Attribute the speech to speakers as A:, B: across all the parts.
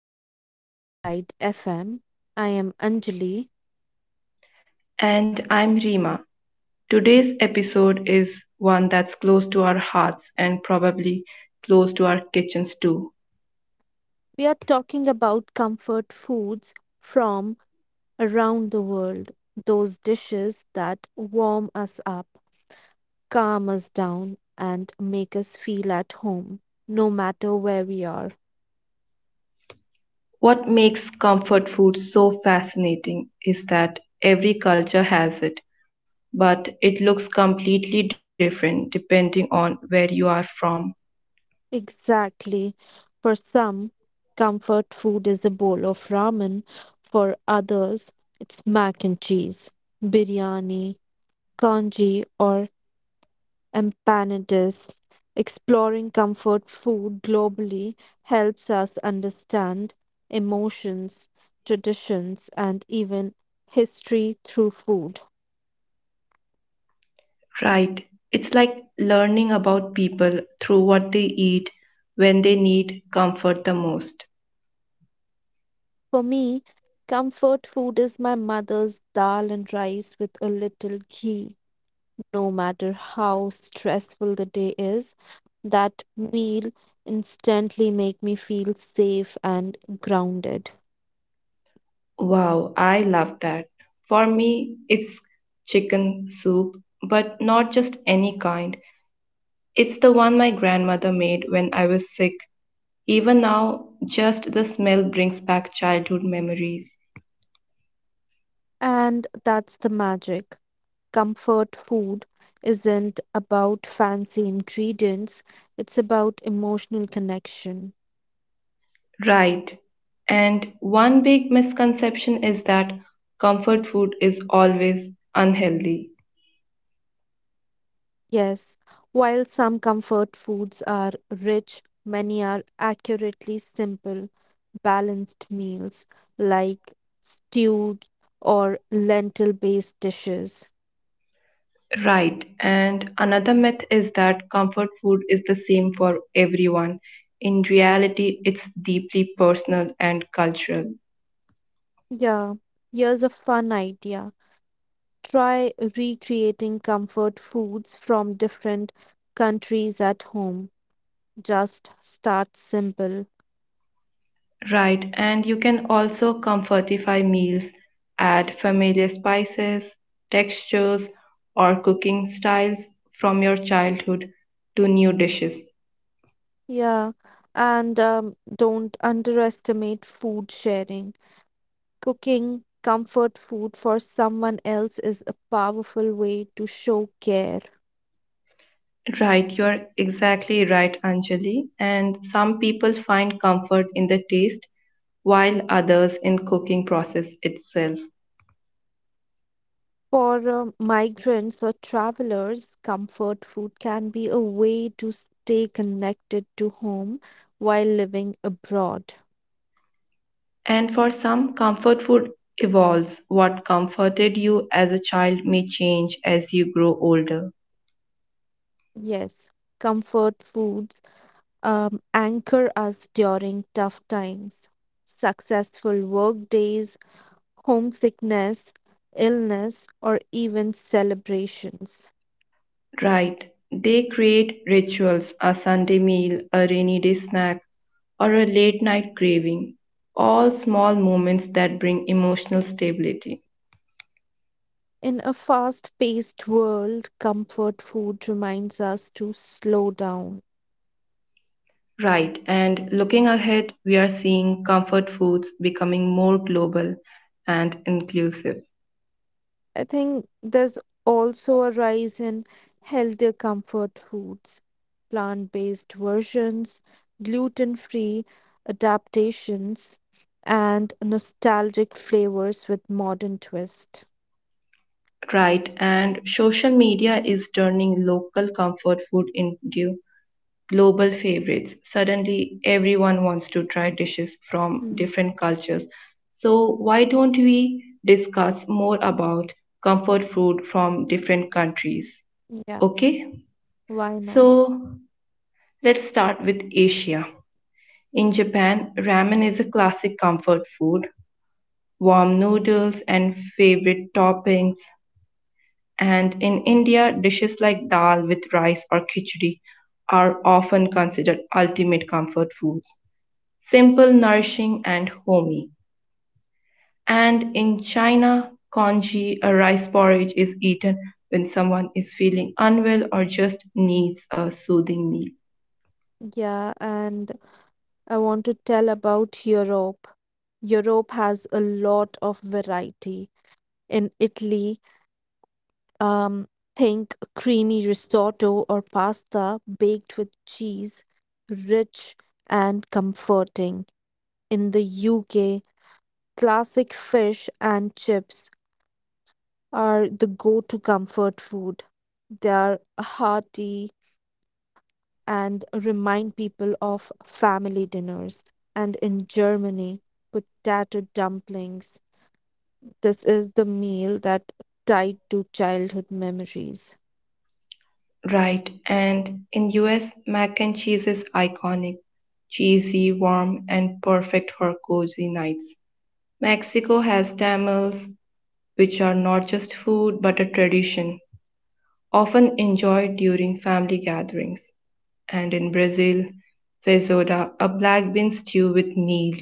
A: back to Riverside FM. I am Anjali.
B: And I'm Rima. Today's episode is one that's close to our hearts and probably close to our kitchens too.
A: We are talking about comfort foods from around the world, those dishes that warm us up, calm us down, and make us feel at home, no matter where we are.
B: What makes comfort food so fascinating is that every culture has it, but it looks completely different depending on where you are from.
A: Exactly. For some, comfort food is a bowl of ramen, for others, it's mac and cheese, biryani congee or Empanadist. Exploring comfort food globally helps us understand emotions, traditions, and even history through food.
B: Right. It's like learning about people through what they eat when they need comfort the most.
A: For me, comfort food is my mother's dal and rice with a little ghee. No matter how stressful the day is, that meal instantly make me feel safe and grounded.
B: Wow, I love that. For me, it's chicken soup, but not just any kind. It's the one my grandmother made when I was sick. Even now, just the smell brings back childhood memories.
A: And that's the magic. Comfort food isn't about fancy ingredients, it's about emotional connection.
B: Right. And one big misconception is that comfort food is always unhealthy.
A: Yes, while some comfort foods are rich, many are accurately simple, balanced meals like stewed or lentil based dishes.
B: Right. And another myth is that comfort food is the same for everyone. In reality, it's deeply personal and cultural.
A: Yeah, here's a fun idea. Try recreating comfort foods from different countries at home. Just start simple.
B: Right. And you can also comfortify meals, add familiar spices, textures, or cooking styles from your childhood to new dishes.
A: Yeah. And don't underestimate food sharing. Cooking comfort food for someone else is a powerful way to show care.
B: Right. You're exactly right, Anjali. And some people find comfort in the taste, while others in cooking process itself.
A: For migrants or travelers, comfort food can be a way to stay connected to home while living abroad.
B: And for some, comfort food evolves. What comforted you as a child may change as you grow older.
A: Yes, comfort foods anchor us during tough times. Successful work days homesickness, illness, or even celebrations.
B: Right. They create rituals, a Sunday meal, a rainy day snack, or a late night craving. All small moments that bring emotional stability.
A: In a fast paced world, comfort food reminds us to slow down.
B: Right. And looking ahead, we are seeing comfort foods becoming more global and inclusive.
A: I think there's also a rise in healthier comfort foods, plant based versions, gluten free adaptations, and nostalgic flavors with modern twist.
B: Right. And social media is turning local comfort food into global favorites. Suddenly, everyone wants to try dishes from
A: Mm,
B: different cultures. So, why don't we discuss more about comfort food from different countries?
A: yeah,
B: Okay,
A: why not?
B: so let's start with Asia. In Japan, ramen is a classic comfort food, warm noodles and favorite toppings. And in India, dishes like dal with rice or khichdi are often considered ultimate comfort foods. Simple, nourishing, and homey. And in China, congee, a rice porridge, is eaten when someone is feeling unwell or just needs a soothing meal.
A: Yeah, and I want to tell about Europe. Europe has a lot of variety. In Italy, um, think creamy risotto or pasta baked with cheese, rich and comforting. In the UK, classic fish and chips are the go to comfort food. They are hearty and remind people of family dinners. And in Germany, potato dumplings. This is the meal that tied to childhood memories.
B: Right, and in US, mac and cheese is iconic, cheesy, warm, and perfect for cozy nights. Mexico has tamales, which are not just food but a tradition, often enjoyed during family gatherings. And in Brazil, feijoada, a black bean stew with meal,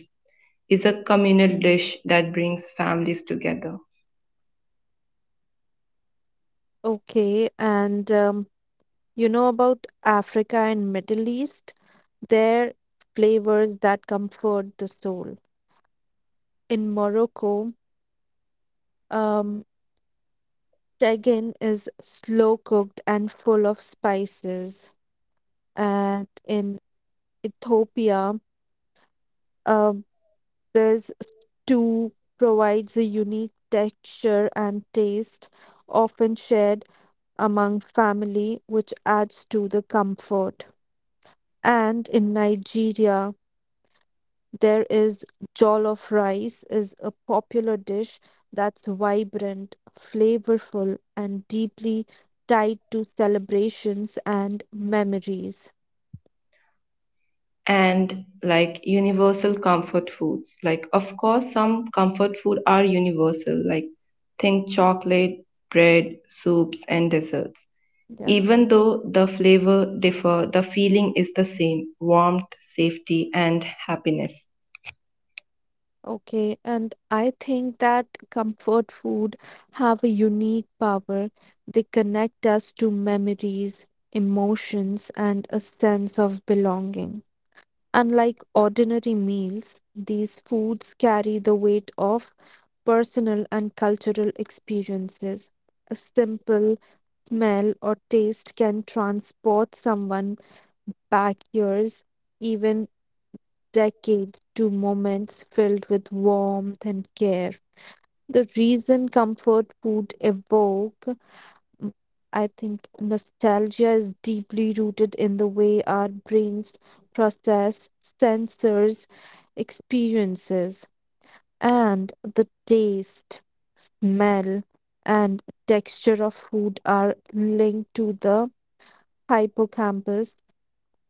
B: is a communal dish that brings families together.
A: Okay, and you know about Africa and Middle East? Their flavors that comfort the soul. In Morocco, um, tagine is slow cooked and full of spices, and in Ethiopia, um, there's stew provides a unique texture and taste, often shared among family, which adds to the comfort. And in Nigeria, there is jollof rice is a popular dish that's vibrant, flavorful, and deeply tied to celebrations and memories.
B: And like universal comfort foods, like of course some comfort food are universal, like think chocolate, bread, soups and desserts.
A: Yeah.
B: Even though the flavor differ, the feeling is the same, warmth, safety and happiness.
A: Okay, and I think that comfort food have a unique power. They connect us to memories, emotions, and a sense of belonging. Unlike ordinary meals, these foods carry the weight of personal and cultural experiences. A simple smell or taste can transport someone back years, even decades, to moments filled with warmth and care. The reason comfort food evoke I think nostalgia is deeply rooted in the way our brains process sensors, experiences, and the taste, smell, and texture of food are linked to the hippocampus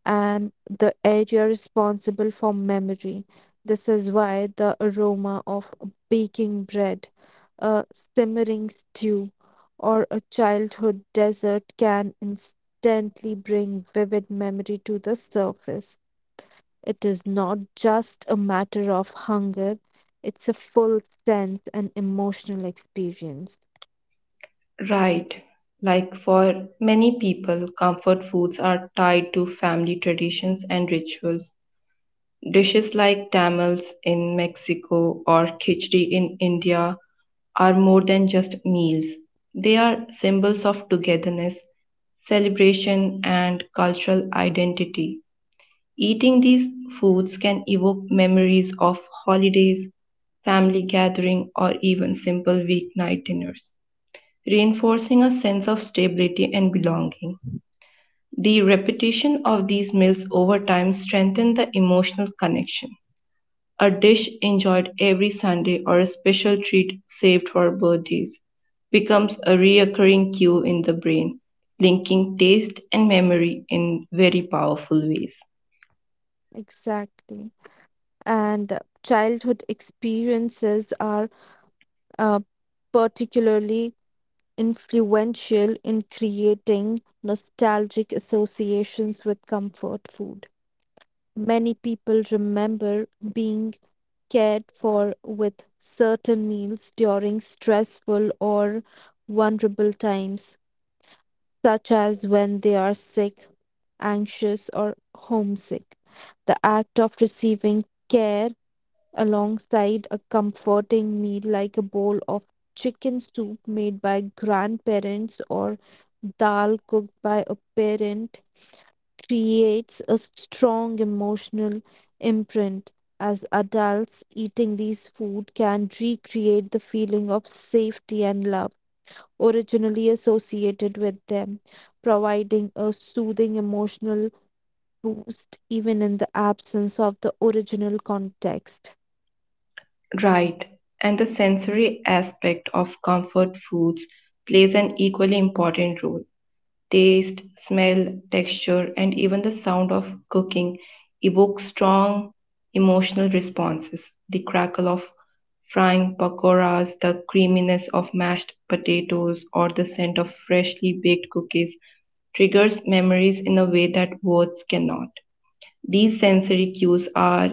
A: and the area responsible for memory. This is why the aroma of baking bread, a simmering stew, or a childhood dessert can instantly bring vivid memory to the surface. It is not just a matter of hunger, it's a full sense and emotional experience.
B: Right. Like for many people, comfort foods are tied to family traditions and rituals. Dishes like tamales in Mexico or khichdi in India are more than just meals. They are symbols of togetherness, celebration, and cultural identity. Eating these foods can evoke memories of holidays, family gathering, or even simple weeknight dinners reinforcing a sense of stability and belonging. The repetition of these meals over time strengthen the emotional connection. A dish enjoyed every Sunday or a special treat saved for birthdays becomes a recurring cue in the brain, linking taste and memory in very powerful ways.
A: Exactly. And childhood experiences are uh, particularly influential in creating nostalgic associations with comfort food. Many people remember being cared for with certain meals during stressful or vulnerable times, such as when they are sick, anxious, or homesick. The act of receiving care alongside a comforting meal like a bowl of chicken soup made by grandparents or dal cooked by a parent creates a strong emotional imprint as adults eating these food can recreate the feeling of safety and love originally associated with them providing a soothing emotional boost even in the absence of the original context.
B: Right, and the sensory aspect of comfort foods plays an equally important role. Taste, smell, texture, and even the sound of cooking evoke strong emotional responses. The crackle of frying pakoras, the creaminess of mashed potatoes, or the scent of freshly baked cookies triggers memories in a way that words cannot. These sensory cues are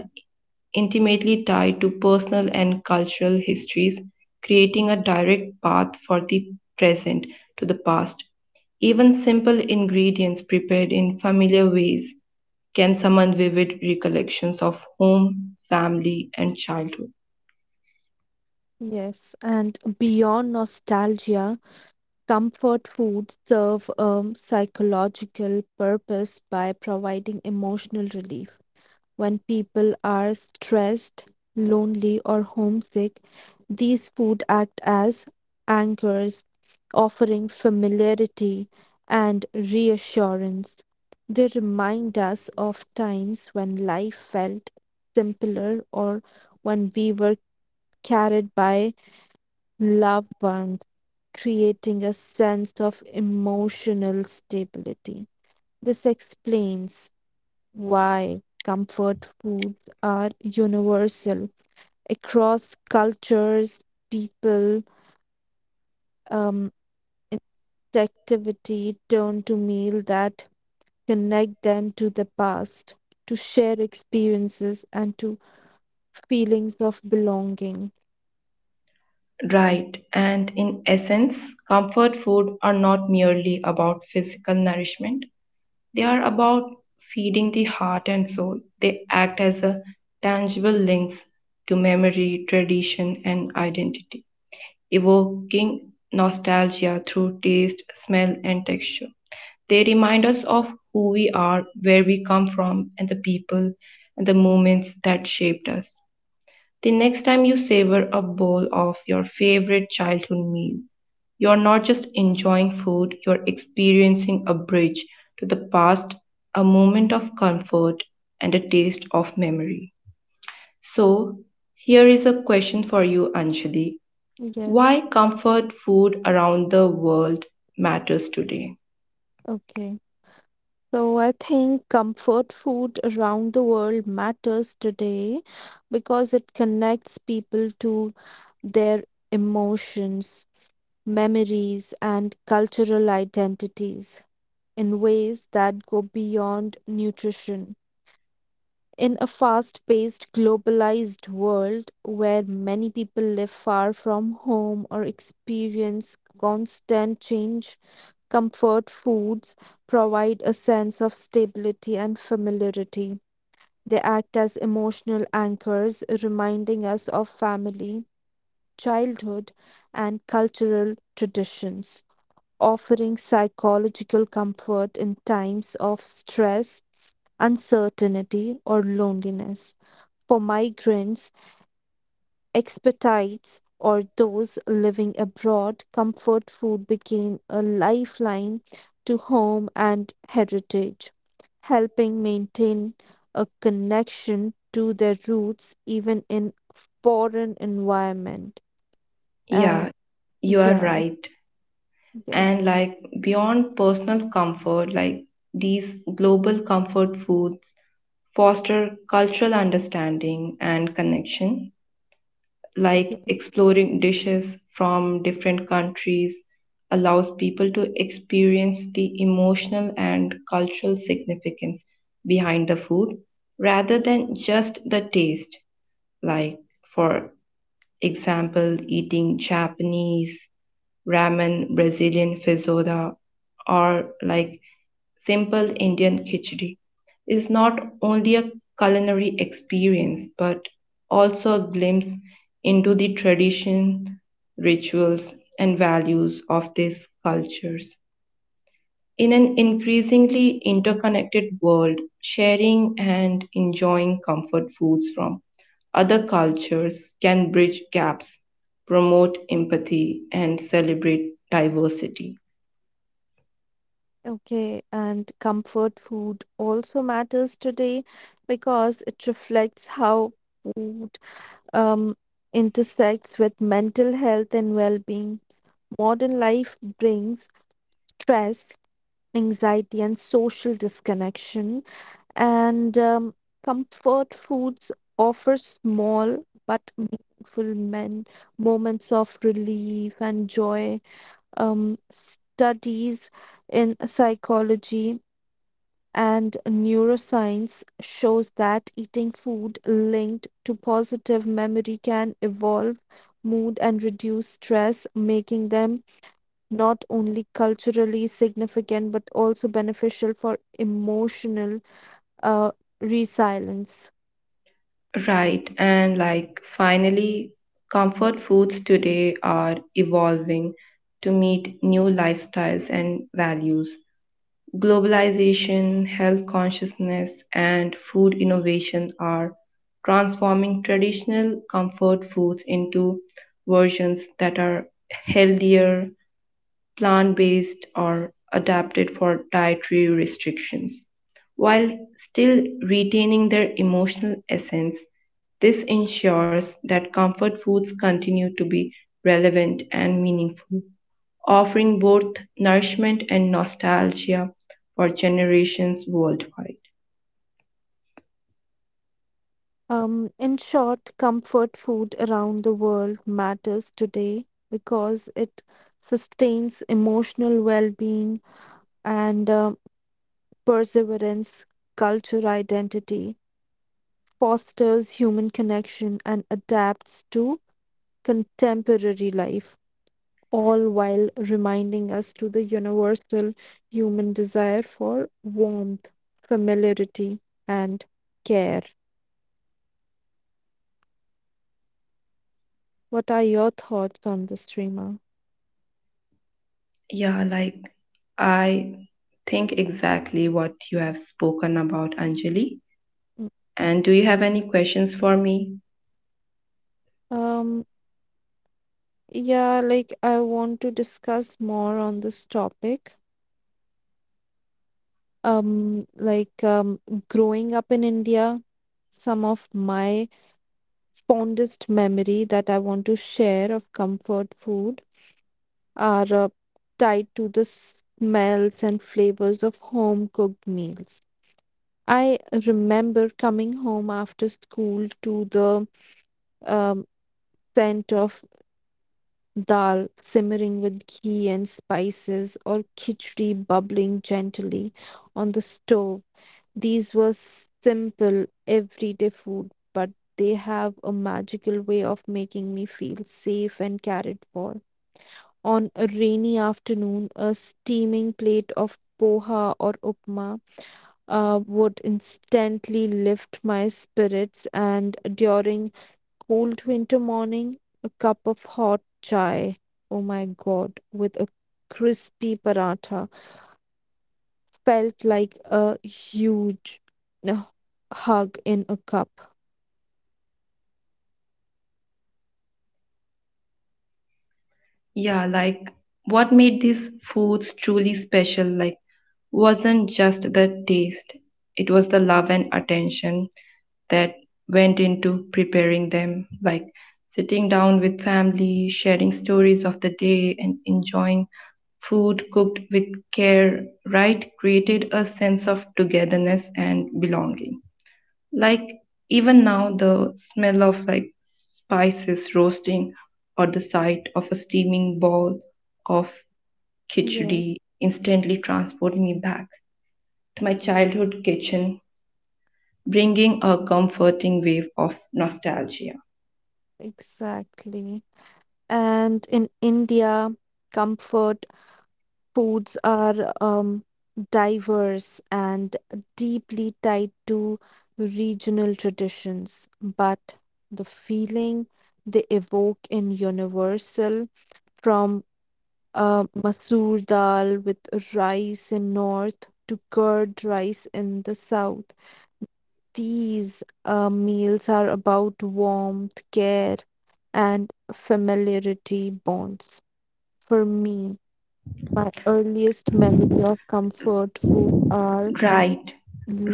B: intimately tied to personal and cultural histories, creating a direct path for the present to the past. Even simple ingredients prepared in familiar ways can summon vivid recollections of home, family, and childhood.
A: Yes, and beyond nostalgia comfort foods serve a psychological purpose by providing emotional relief. When people are stressed, lonely, or homesick, these food act as anchors, offering familiarity and reassurance. They remind us of times when life felt simpler or when we were carried by loved ones, creating a sense of emotional stability. This explains why comfort foods are universal across cultures, people, um, in activity turn to meal that connect them to the past, to share experiences and to feelings of belonging.
B: Right, and in essence, comfort food are not merely about physical nourishment, they are about feeding the heart and soul. They act as a tangible links to memory, tradition, and identity, evoking nostalgia through taste, smell, and texture. They remind us of who we are, where we come from, and the people and the moments that shaped us. The next time you savor a bowl of your favorite childhood meal, you are not just enjoying food, you are experiencing a bridge to the past, a moment of comfort, and a taste of memory. So, here is a question for you, Anjali.
A: Yes,
B: Why comfort food around the world matters today?
A: okay. So I think comfort food around the world matters today because it connects people to their emotions, memories, and cultural identities in ways that go beyond nutrition. In a fast paced, globalized world where many people live far from home or experience constant change, comfort foods provide a sense of stability and familiarity. They act as emotional anchors, reminding us of family, childhood, and cultural traditions, offering psychological comfort in times of stress, uncertainty, or loneliness. For migrants, expats, or those living abroad, comfort food became a lifeline to home and heritage, helping maintain a connection to their roots even in foreign environment. Uh,
B: Yeah, you are
A: yeah,
B: right.
A: yes,
B: And like beyond personal comfort, like these global comfort foods foster cultural understanding and connection, like
A: yes.
B: exploring dishes from different countries allows people to experience the emotional and cultural significance behind the food rather than just the taste, like for example eating Japanese ramen, Brazilian feijoada, or like simple Indian khichdi is not only a culinary experience but also a glimpse into the tradition, rituals, and values of these cultures. In an increasingly interconnected world, sharing and enjoying comfort foods from other cultures can bridge gaps, promote empathy, and celebrate diversity.
A: Okay, and comfort food also matters today because it reflects how food um, intersects with mental health and well being. Modern life brings stress, anxiety, and social disconnection, and comfort foods offer small but meaningful moments of relief and joy. Studies in psychology and neuroscience shows that eating food linked to positive memory can evolve mood and reduce stress, making them not only culturally significant but also beneficial for emotional uh, resilience.
B: Right, and like finally, comfort foods today are evolving to meet new lifestyles and values. Globalization, health consciousness, and food innovation are transforming traditional comfort foods into versions that are healthier, plant based, or adapted for dietary restrictions while still retaining their emotional essence. This ensures that comfort foods continue to be relevant and meaningful, offering both nourishment and nostalgia for generations worldwide.
A: In short, comfort food around the world matters today because it sustains emotional well being and perseverance, culture identity fosters human connection, and adapts to contemporary life, all while reminding us to the universal human desire for warmth, familiarity, and care. What are your thoughts on this, Rima?
B: Yeah, like I think exactly what you have spoken about, Anjali. And do you have any questions for me?
A: Um, yeah, like I want to discuss more on this topic. Um, like um, Growing up in India, some of my fondest memory that I want to share of comfort food are tied to the smells and flavors of home cooked meals. I remember coming home after school to the um, scent of dal simmering with ghee and spices or khichdi bubbling gently on the stove. These were simple, everyday food, but they have a magical way of making me feel safe and cared for. On a rainy afternoon, a steaming plate of poha or upma would instantly lift my spirits, and during cold winter morning, a cup of hot chai, oh my god, with a crispy paratha felt like a huge uh, hug in a cup.
B: Yeah, like what made these foods truly special? Like, wasn't just the taste, it was the love and attention that went into preparing them, like sitting down with family, sharing stories of the day, and enjoying food cooked with care, right? Created a sense of togetherness and belonging. Like even now, the smell of like spices roasting or the sight of a steaming bowl of
A: Yes,
B: khichdi instantly transport me back to my childhood kitchen, bringing a comforting wave of nostalgia.
A: exactly. And in India, comfort foods are diverse and deeply tied to regional traditions, but the feeling they evoke in universal from masoor dal with rice in north to curd rice in the south. These meals are about warmth, care, and familiarity bonds. For me, my earliest memory of comfort food are
B: Right,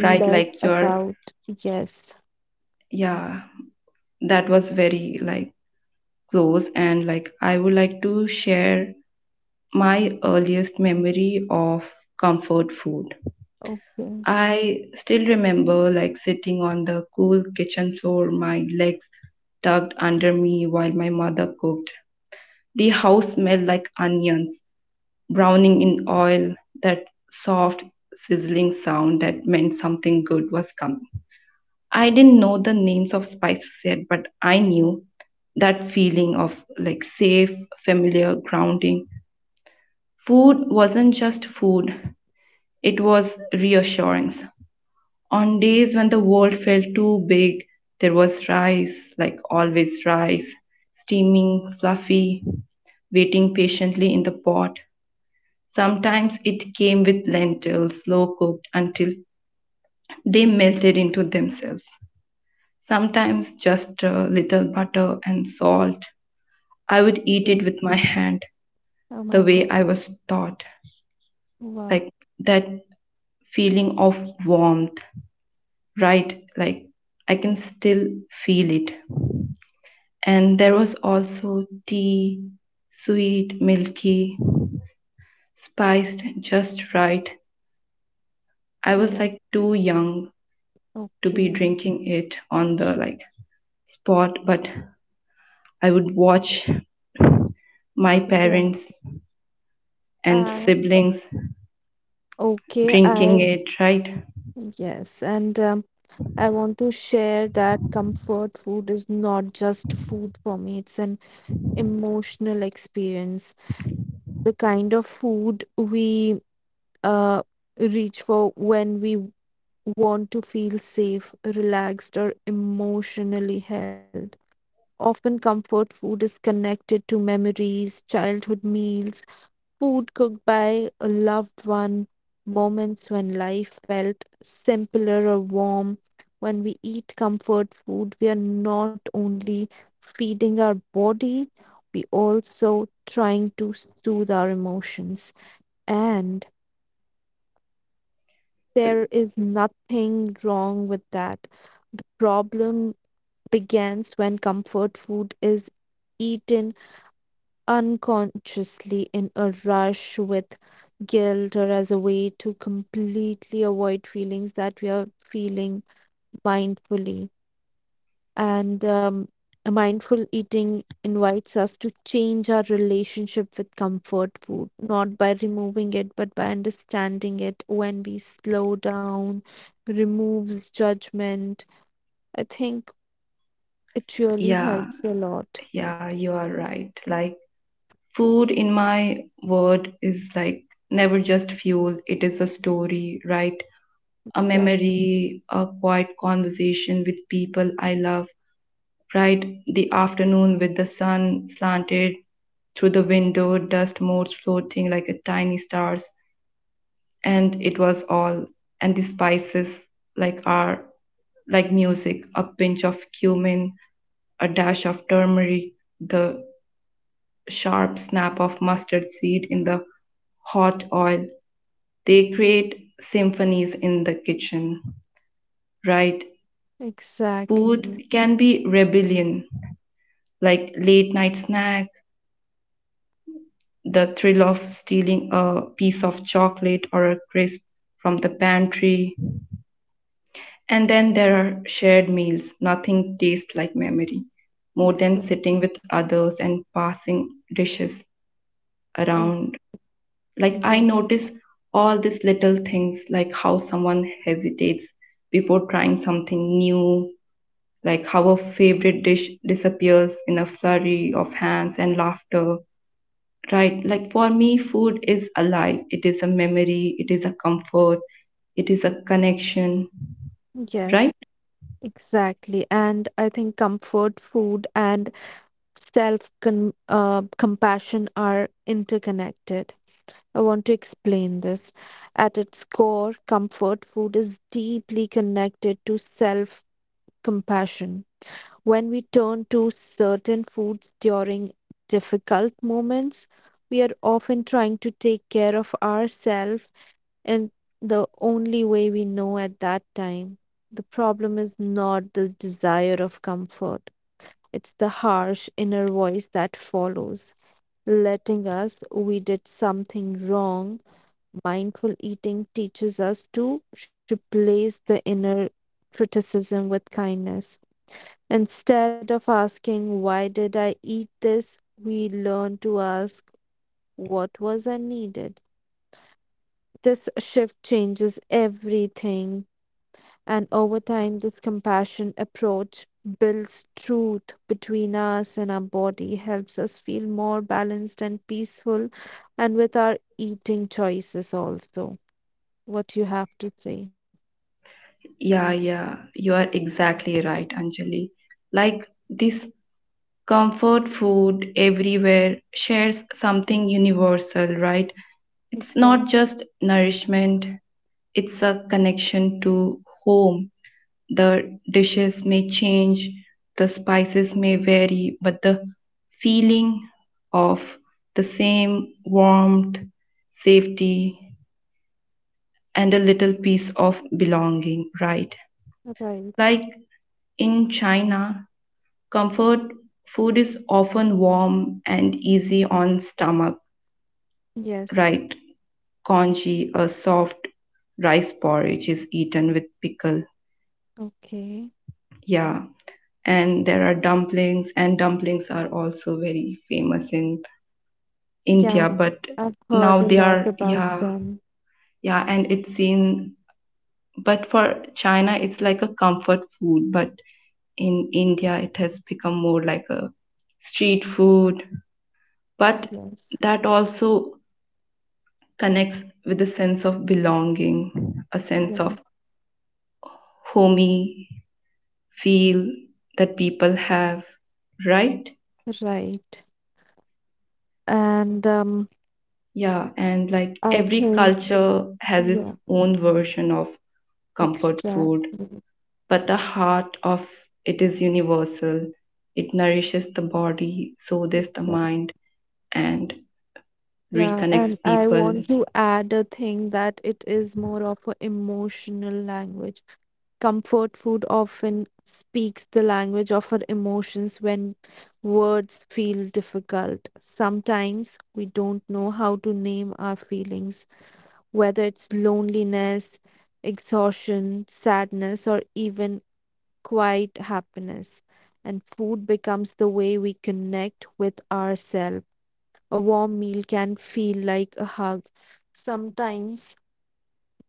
B: right, like your,
A: about yes,
B: yeah, that was very like close. And like, I would like to share my earliest memory of comfort food.
A: okay,
B: I still remember like sitting on the cool kitchen floor, my legs tucked under me while my mother cooked. The house smelled like onions browning in oil, that soft sizzling sound that meant something good was coming. I didn't know the names of spices yet, but I knew that feeling of like safe, familiar grounding. Food wasn't just food, it was reassurance. On days when the world felt too big, there was rice, like always rice, steaming, fluffy, waiting patiently in the pot. Sometimes it came with lentils, slow cooked until they melted into themselves. Sometimes just a little butter and salt. I would eat it
A: yes.
B: with my hand,
A: Oh
B: the
A: my
B: way
A: God!
B: I was taught,
A: Wow.
B: like that feeling of warmth, right? Like I can still feel it. And there was also tea, sweet, milky, spiced just right. I was
A: Yes.
B: like too young to be
A: Okay.
B: drinking it on the like spot, but I would watch my
A: Yeah.
B: parents and
A: And
B: siblings
A: okay. I
B: drinking it, right?
A: yes, and I want to share that comfort food is not just food for me. It's an emotional experience, the kind of food we uh, reach for when we want to feel safe, relaxed, or emotionally held. Often, comfort food is connected to memories, childhood meals, food cooked by a loved one, moments when life felt simpler or warm. When we eat comfort food, we are not only feeding our body, we also trying to soothe our emotions. And there is nothing wrong with that. The problem begins when comfort food is eaten unconsciously in a rush with guilt or as a way to completely avoid feelings that we are feeling mindfully. And Mindful eating invites us to change our relationship with comfort food, not by removing it, but by understanding it when we slow down, removes judgment. I think it really
B: Yeah,
A: helps a lot.
B: yeah, you are right. Like, food, in my word, is like never just fuel, it is a story, right? A
A: Exactly.
B: memory, a quiet conversation with people I love, right? The afternoon with the sun slanted through the window, dust motes floating like a tiny stars, and it was all, and the spices like are like music, a pinch of cumin, a dash of turmeric, the sharp snap of mustard seed in the hot oil, they create symphonies in the kitchen, right?
A: Exactly.
B: Food can be rebellion, like late night snack, the thrill of stealing a piece of chocolate or a crisp from the pantry. And then there are shared meals. Nothing tastes like memory more than
A: Exactly.
B: sitting with others and passing dishes
A: Oh,
B: around. Like I
A: yeah.
B: notice all these little things, like how someone hesitates before trying something new, like how a favorite dish disappears in a flurry of hands and laughter. Right, like for me, food is alive. It is a memory, it is a comfort, it is a connection, right?
A: Yes, exactly. And I think comfort food and self con compassion are interconnected. I want to explain this. At its core, comfort food is deeply connected to self compassion. When we turn to certain foods during difficult moments, we are often trying to take care of ourselves and the only way we know at that time. The problem is not the desire of comfort, it's the harsh inner voice that follows, letting us we did something wrong. Mindful eating teaches us to replace the inner criticism with kindness. Instead of asking, "Why did I eat this?" we learn to ask, "What was I needed?" This shift changes everything. And over time, this compassion approach builds truth between us and our body, helps us feel more balanced and peaceful, and with our eating choices also. What you have to say.
B: Yeah, yeah, you are exactly right, Anjali. Like this comfort food everywhere shares something universal, right? It's
A: Exactly.
B: not just nourishment, it's a connection to home. The dishes may change, the spices may vary, but the feeling of the same warmth, safety, and a little piece of belonging, right?
A: Right.
B: Like in China, comfort food is often warm and easy on stomach,
A: Yes.
B: right? Congee, a soft rice porridge is eaten with pickle.
A: Okay.
B: Yeah. And there are dumplings, and dumplings are also very famous in
A: Yeah.
B: India, but
A: I've heard
B: now
A: a
B: they
A: lot
B: are,
A: about
B: yeah,
A: them.
B: yeah, and it's seen, but for China, it's like a comfort food, but in India, it has become more like a street food. But
A: Yes.
B: that also connects with a sense of belonging, a sense
A: Yeah.
B: of homey feel that people have, right?
A: Right. And um,
B: Yeah, and like
A: I
B: every
A: think,
B: culture has its
A: yeah,
B: own version of comfort food,
A: exactly.
B: but the heart of it is universal. It nourishes the body, so does the mind, and
A: Yeah,
B: reconnects
A: and I
B: people.
A: want to add a thing that it is more of an emotional language. Comfort food often speaks the language of our emotions when words feel difficult. Sometimes we don't know how to name our feelings, whether it's loneliness, exhaustion, sadness, or even quiet happiness. And food becomes the way we connect with ourselves. A warm meal can feel like a hug. Sometimes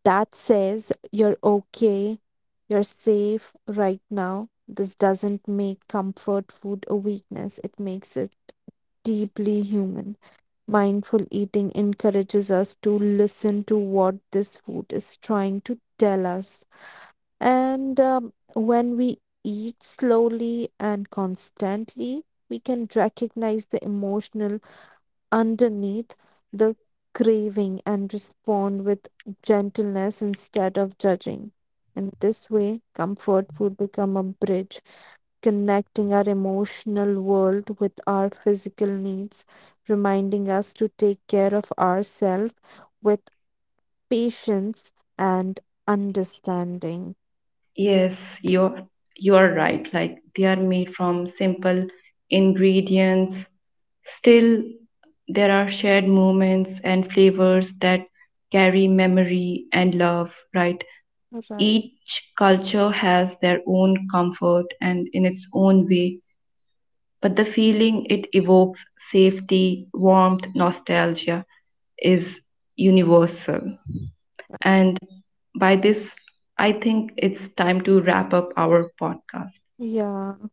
A: that says you're okay, you're safe right now. This doesn't make comfort food a weakness, it makes it deeply human. Mindful eating encourages us to listen to what this food is trying to tell us. And When we eat slowly and constantly, we can recognize the emotional underneath the craving and respond with gentleness instead of judging. In this way, comfort food become a bridge connecting our emotional world with our physical needs, reminding us to take care of ourselves with patience and understanding.
B: Yes, you're right. Like they are made from simple ingredients. Still, there are shared moments and flavors that carry memory and love, right?
A: Right.
B: Each culture has their own comfort and in its own way, but the feeling it evokes safety, warmth, nostalgia is universal. And by this, I think it's time to wrap up our podcast.
A: Yeah,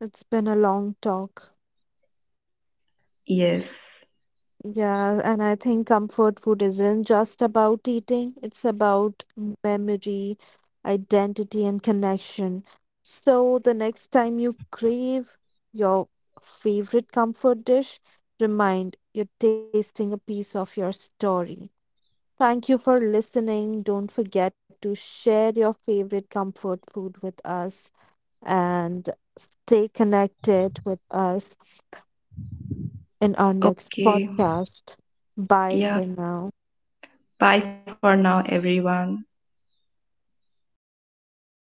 A: it's been a long talk.
B: Yes.
A: Yeah, and I think comfort food isn't just about eating, it's about memory, identity, and connection. So the next time you crave your favorite comfort dish, remind you're tasting a piece of your story. Thank you for listening. Don't forget to share your favorite comfort food with us and stay connected with us in our next
B: Okay.
A: podcast. Bye for
B: Yeah.
A: now.
B: Bye for now, everyone.